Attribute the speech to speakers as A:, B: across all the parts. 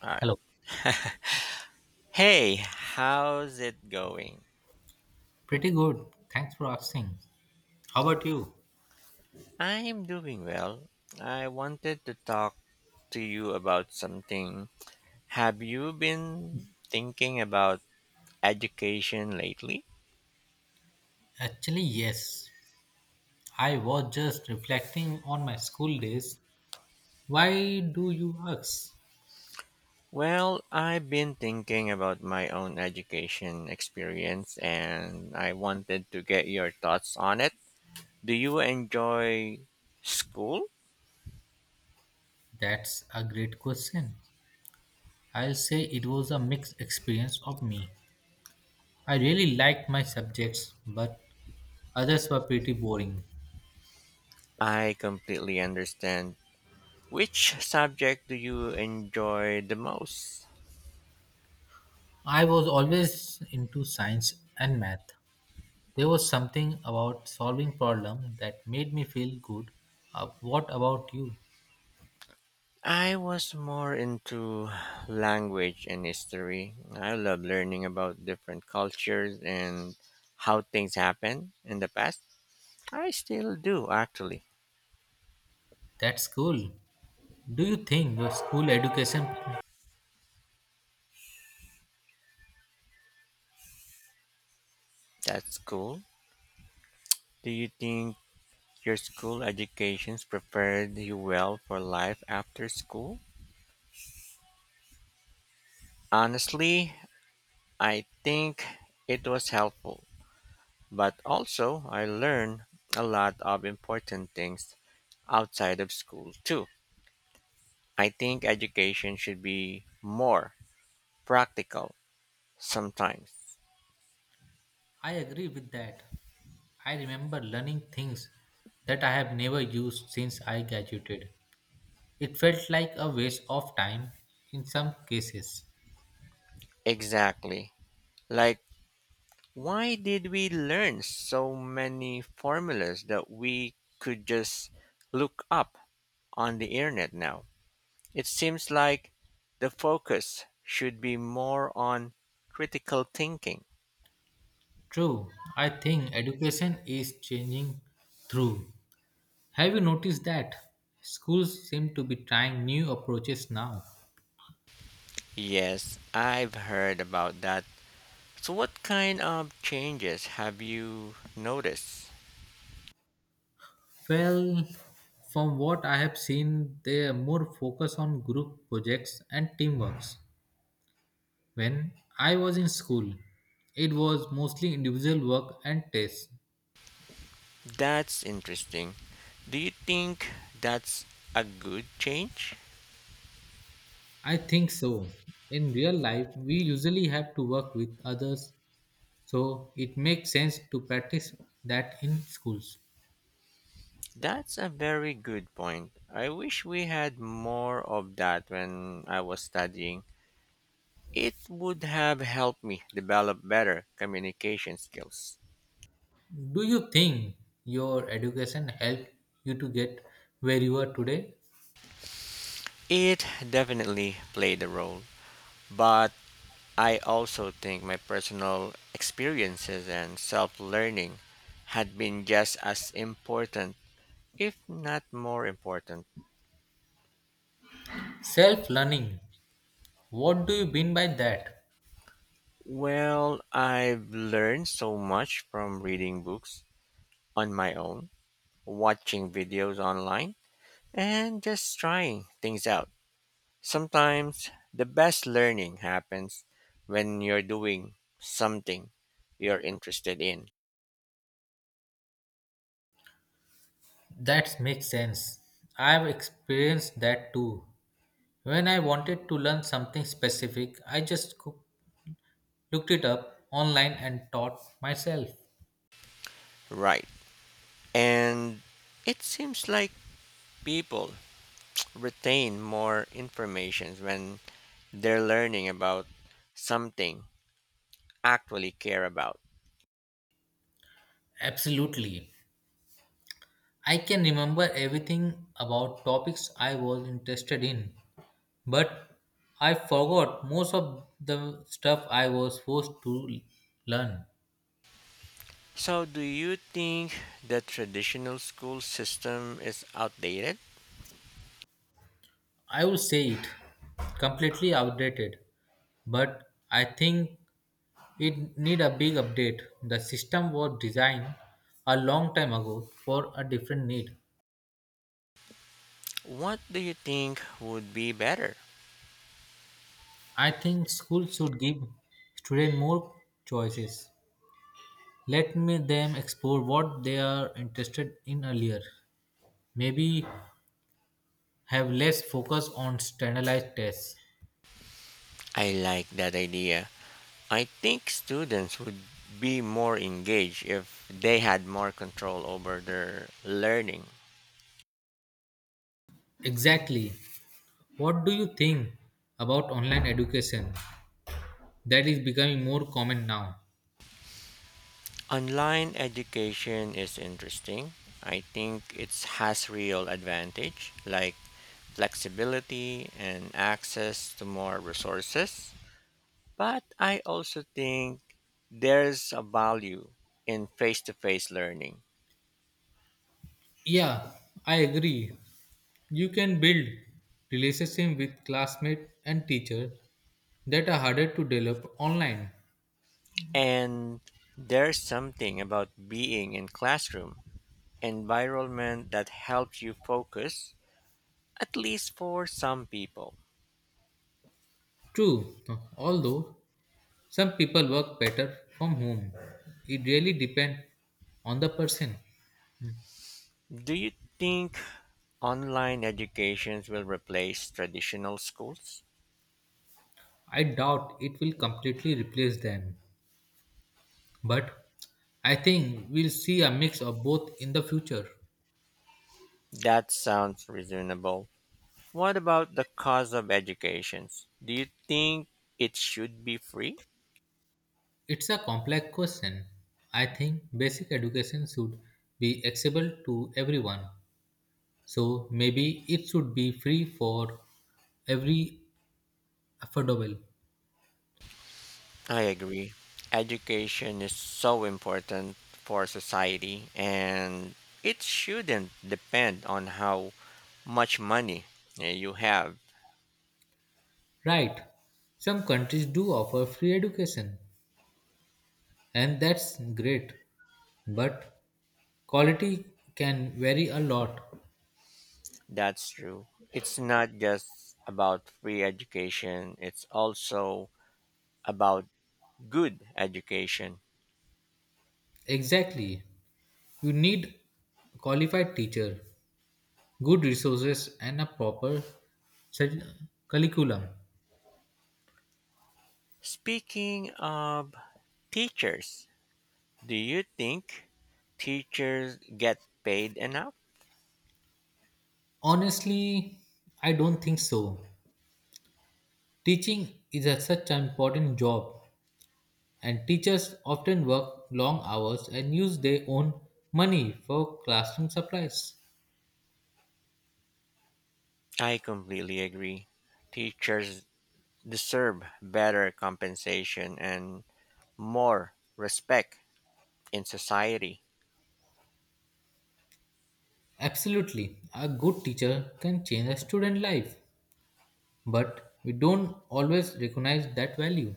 A: All
B: Hello.
A: right. Hey, how's it going?
B: Pretty good. Thanks for asking. How about you?
A: I'm doing well. I wanted to talk to you about something. Have you been thinking about education lately?
B: Actually, yes. I was just reflecting on my school days. Why do you ask?
A: Well, I've been thinking about my own education experience and I wanted to get your thoughts on it. Do you enjoy school?
B: That's a great question. I'll say it was a mixed experience of me. I really liked my subjects, but others were pretty boring.
A: I completely understand. Which subject do you enjoy the most?
B: I was always into science and math. There was something about solving problem that made me feel good. What about you?
A: I was more into language and history. I love learning about different cultures and how things happen in the past. I still do, actually.
B: That's cool. Do you think your school education?
A: That's cool. Do you think your school educations prepared you well for life after school? Honestly, I think it was helpful, but also I learned a lot of important things outside of school too. I think education should be more practical sometimes.
B: I agree with that. I remember learning things that I have never used since I graduated. It felt like a waste of time in some cases.
A: Exactly. Like, why did we learn so many formulas that we could just look up on the internet now? It seems like the focus should be more on critical thinking.
B: True, I think education is changing through. Have you noticed that? Schools seem to be trying new approaches now.
A: Yes, I've heard about that. So, what kind of changes have you noticed?
B: Well, from what I have seen, they are more focused on group projects and teamworks. When I was in school, it was mostly individual work and tests.
A: That's interesting. Do you think that's a good change?
B: I think so. In real life, we usually have to work with others, so it makes sense to practice that in schools.
A: That's a very good point. I wish we had more of that when I was studying. It would have helped me develop better communication skills.
B: Do you think your education helped you to get where you are today?
A: It definitely played a role, but I also think my personal experiences and self learning had been just as important, if not more important.
B: Self learning. What do you mean by that?
A: Well, I've learned so much from reading books on my own, watching videos online, and just trying things out. Sometimes the best learning happens when you're doing something you're interested in.
B: That makes sense. I have experienced that too. When I wanted to learn something specific, looked it up online and taught myself.
A: Right. And it seems like people retain more information when they're learning about something actually care about.
B: Absolutely. I can remember everything about topics I was interested in, but I forgot most of the stuff I was forced to learn.
A: So, do you think the traditional school system is outdated?
B: I would say it completely outdated, but I think it need a big update. The system was designed a long time ago for a different need.
A: What do you think would be better?
B: I think schools should give students more choices. Let me them explore what they are interested in earlier. Maybe have less focus on standardized tests.
A: I like that idea. I think students would be more engaged if they had more control over their learning.
B: Exactly. What do you think about online education that is becoming more common now?
A: Online education is interesting. I think it has real advantage like flexibility and access to more resources. But I also think there's a value in face to face learning.
B: Yeah, I agree. You can build relationship with classmate and teacher that are harder to develop online.
A: And there's something about being in classroom environment that helps you focus, at least for some people.
B: True, although some people work better from home. It really depends on the person.
A: Do you think online educations will replace traditional schools?
B: I doubt it will completely replace them, but I think we'll see a mix of both in the future.
A: That sounds reasonable. What about the cost of educations? Do you think it should be free?
B: It's a complex question. I think basic education should be accessible to everyone. So maybe it should be free for every affordable.
A: I agree. Education is so important for society and it shouldn't depend on how much money you have.
B: Right. Some countries do offer free education, and that's great. But quality can vary a lot.
A: That's true. It's not just about free education, it's also about good education.
B: Exactly. You need qualified teacher, good resources and a proper sul- curriculum.
A: Speaking of teachers, do you think teachers get paid enough?
B: Honestly, I don't think so. Teaching is such an important job and teachers often work long hours and use their own money for classroom supplies.
A: I completely agree. Teachers deserve better compensation and more respect in society.
B: Absolutely. A good teacher can change a student life, but we don't always recognize that value.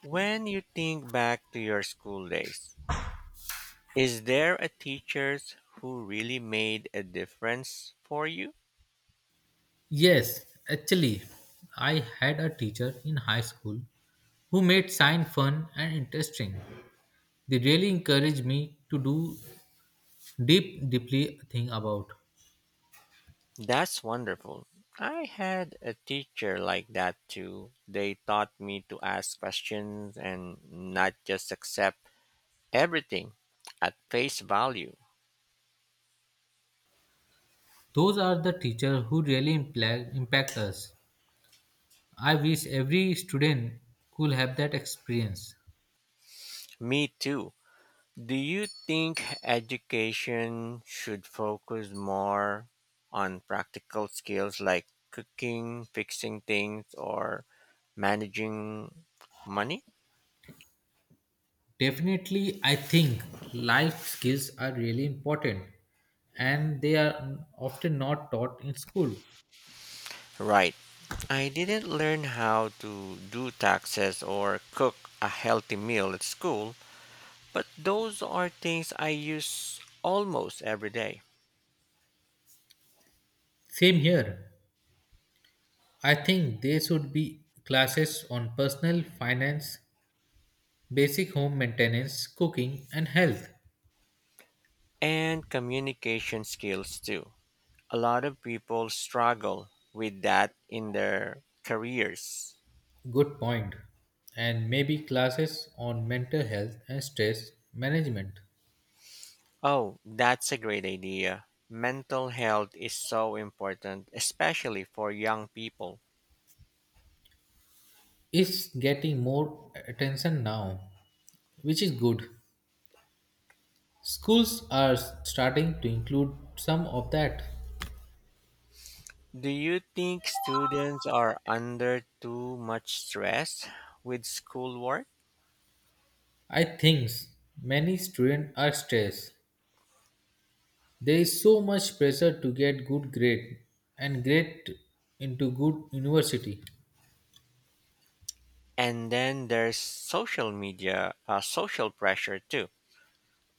A: When you think back to your school days, is there a teacher who really made a difference for you?
B: Yes, actually, I had a teacher in high school who made science fun and interesting. They really encouraged me to do deeply think about.
A: That's wonderful. I had a teacher like that too. They taught me to ask questions and not just accept everything at face value.
B: Those are the teachers who really impact us. I wish every student could have that experience.
A: Me too. Do you think education should focus more on practical skills like cooking, fixing things, or managing money?
B: Definitely, I think life skills are really important and they are often not taught in school.
A: Right. I didn't learn how to do taxes or cook a healthy meal at school, but those are things I use almost every day.
B: Same here. I think there should be classes on personal finance, basic home maintenance, cooking, and health.
A: And communication skills too. A lot of people struggle with that in their careers.
B: Good point. And maybe classes on mental health and stress management.
A: Oh, that's a great idea. Mental health is so important, especially for young people.
B: It's getting more attention now, which is good. Schools are starting to include some of that.
A: Do you think students are under too much stress with schoolwork?
B: I think many students are stressed. There is so much pressure to get good grade and get into good university.
A: And then there's social media, social pressure too.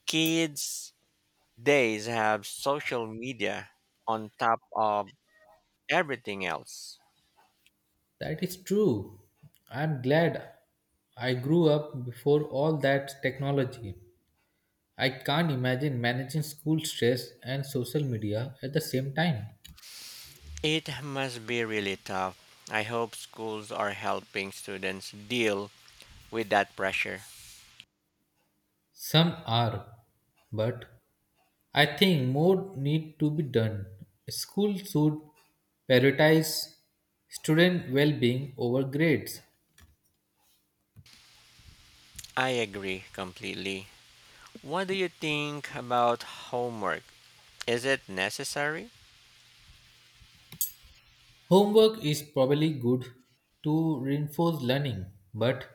A: Kids days have social media on top of everything else.
B: That is true. I'm glad I grew up before all that technology. I can't imagine managing school stress and social media at the same time.
A: It must be really tough. I hope schools are helping students deal with that pressure.
B: Some are, but I think more need to be done. School should prioritize student well-being over grades.
A: I agree completely. What do you think about homework? Is it necessary?
B: Homework is probably good to reinforce learning, but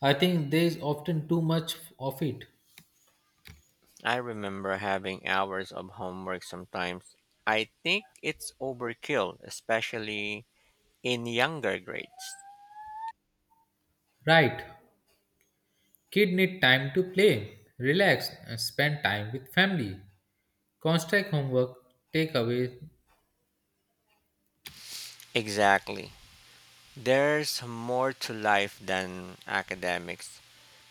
B: I think there is often too much of it.
A: I remember having hours of homework sometimes. I think it's overkill, especially in younger grades.
B: Right. Kid need time to play, relax, and spend time with family. Constant homework take away
A: Exactly. There's more to life than academics.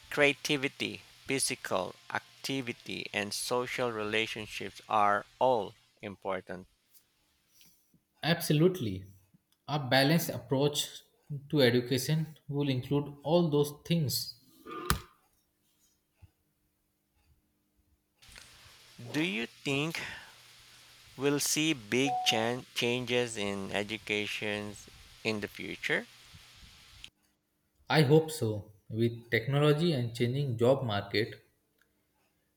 A: Creativity, physical activity, and social relationships are all important.
B: absolutely. A balanced approach to education will include all those things.
A: Do you think will see big changes in education in the future.
B: I hope so. With technology and changing job market,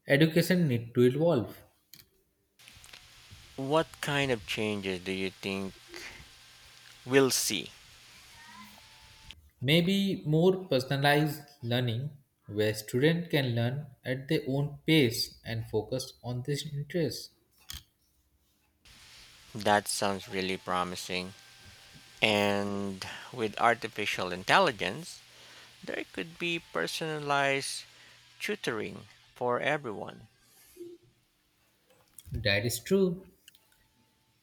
B: education need to evolve.
A: What kind of changes do you think we'll see?
B: Maybe more personalized learning where student can learn at their own pace and focus on their interests.
A: That sounds really promising. And with artificial intelligence, there could be personalized tutoring for everyone.
B: That is true.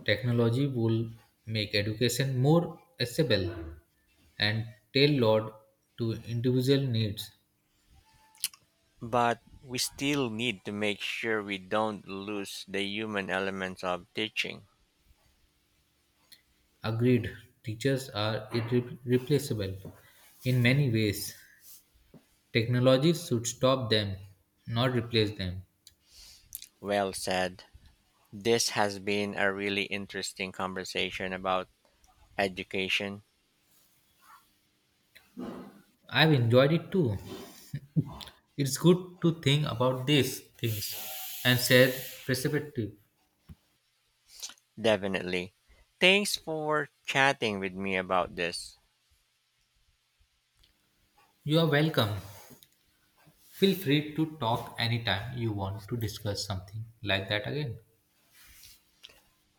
B: Technology will make education more accessible and tailored to individual needs.
A: But we still need to make sure we don't lose the human elements of teaching.
B: Agreed, teachers are irreplaceable in many ways. Technology should stop them, not replace them.
A: Well said. This has been a really interesting conversation about education.
B: I've enjoyed it too. It's good to think about these things and share perspective.
A: Definitely. Thanks for chatting with me about this.
B: You are welcome. Feel free to talk anytime you want to discuss something like that again.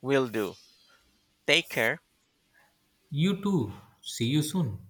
A: Will do. Take care.
B: You too. See you soon.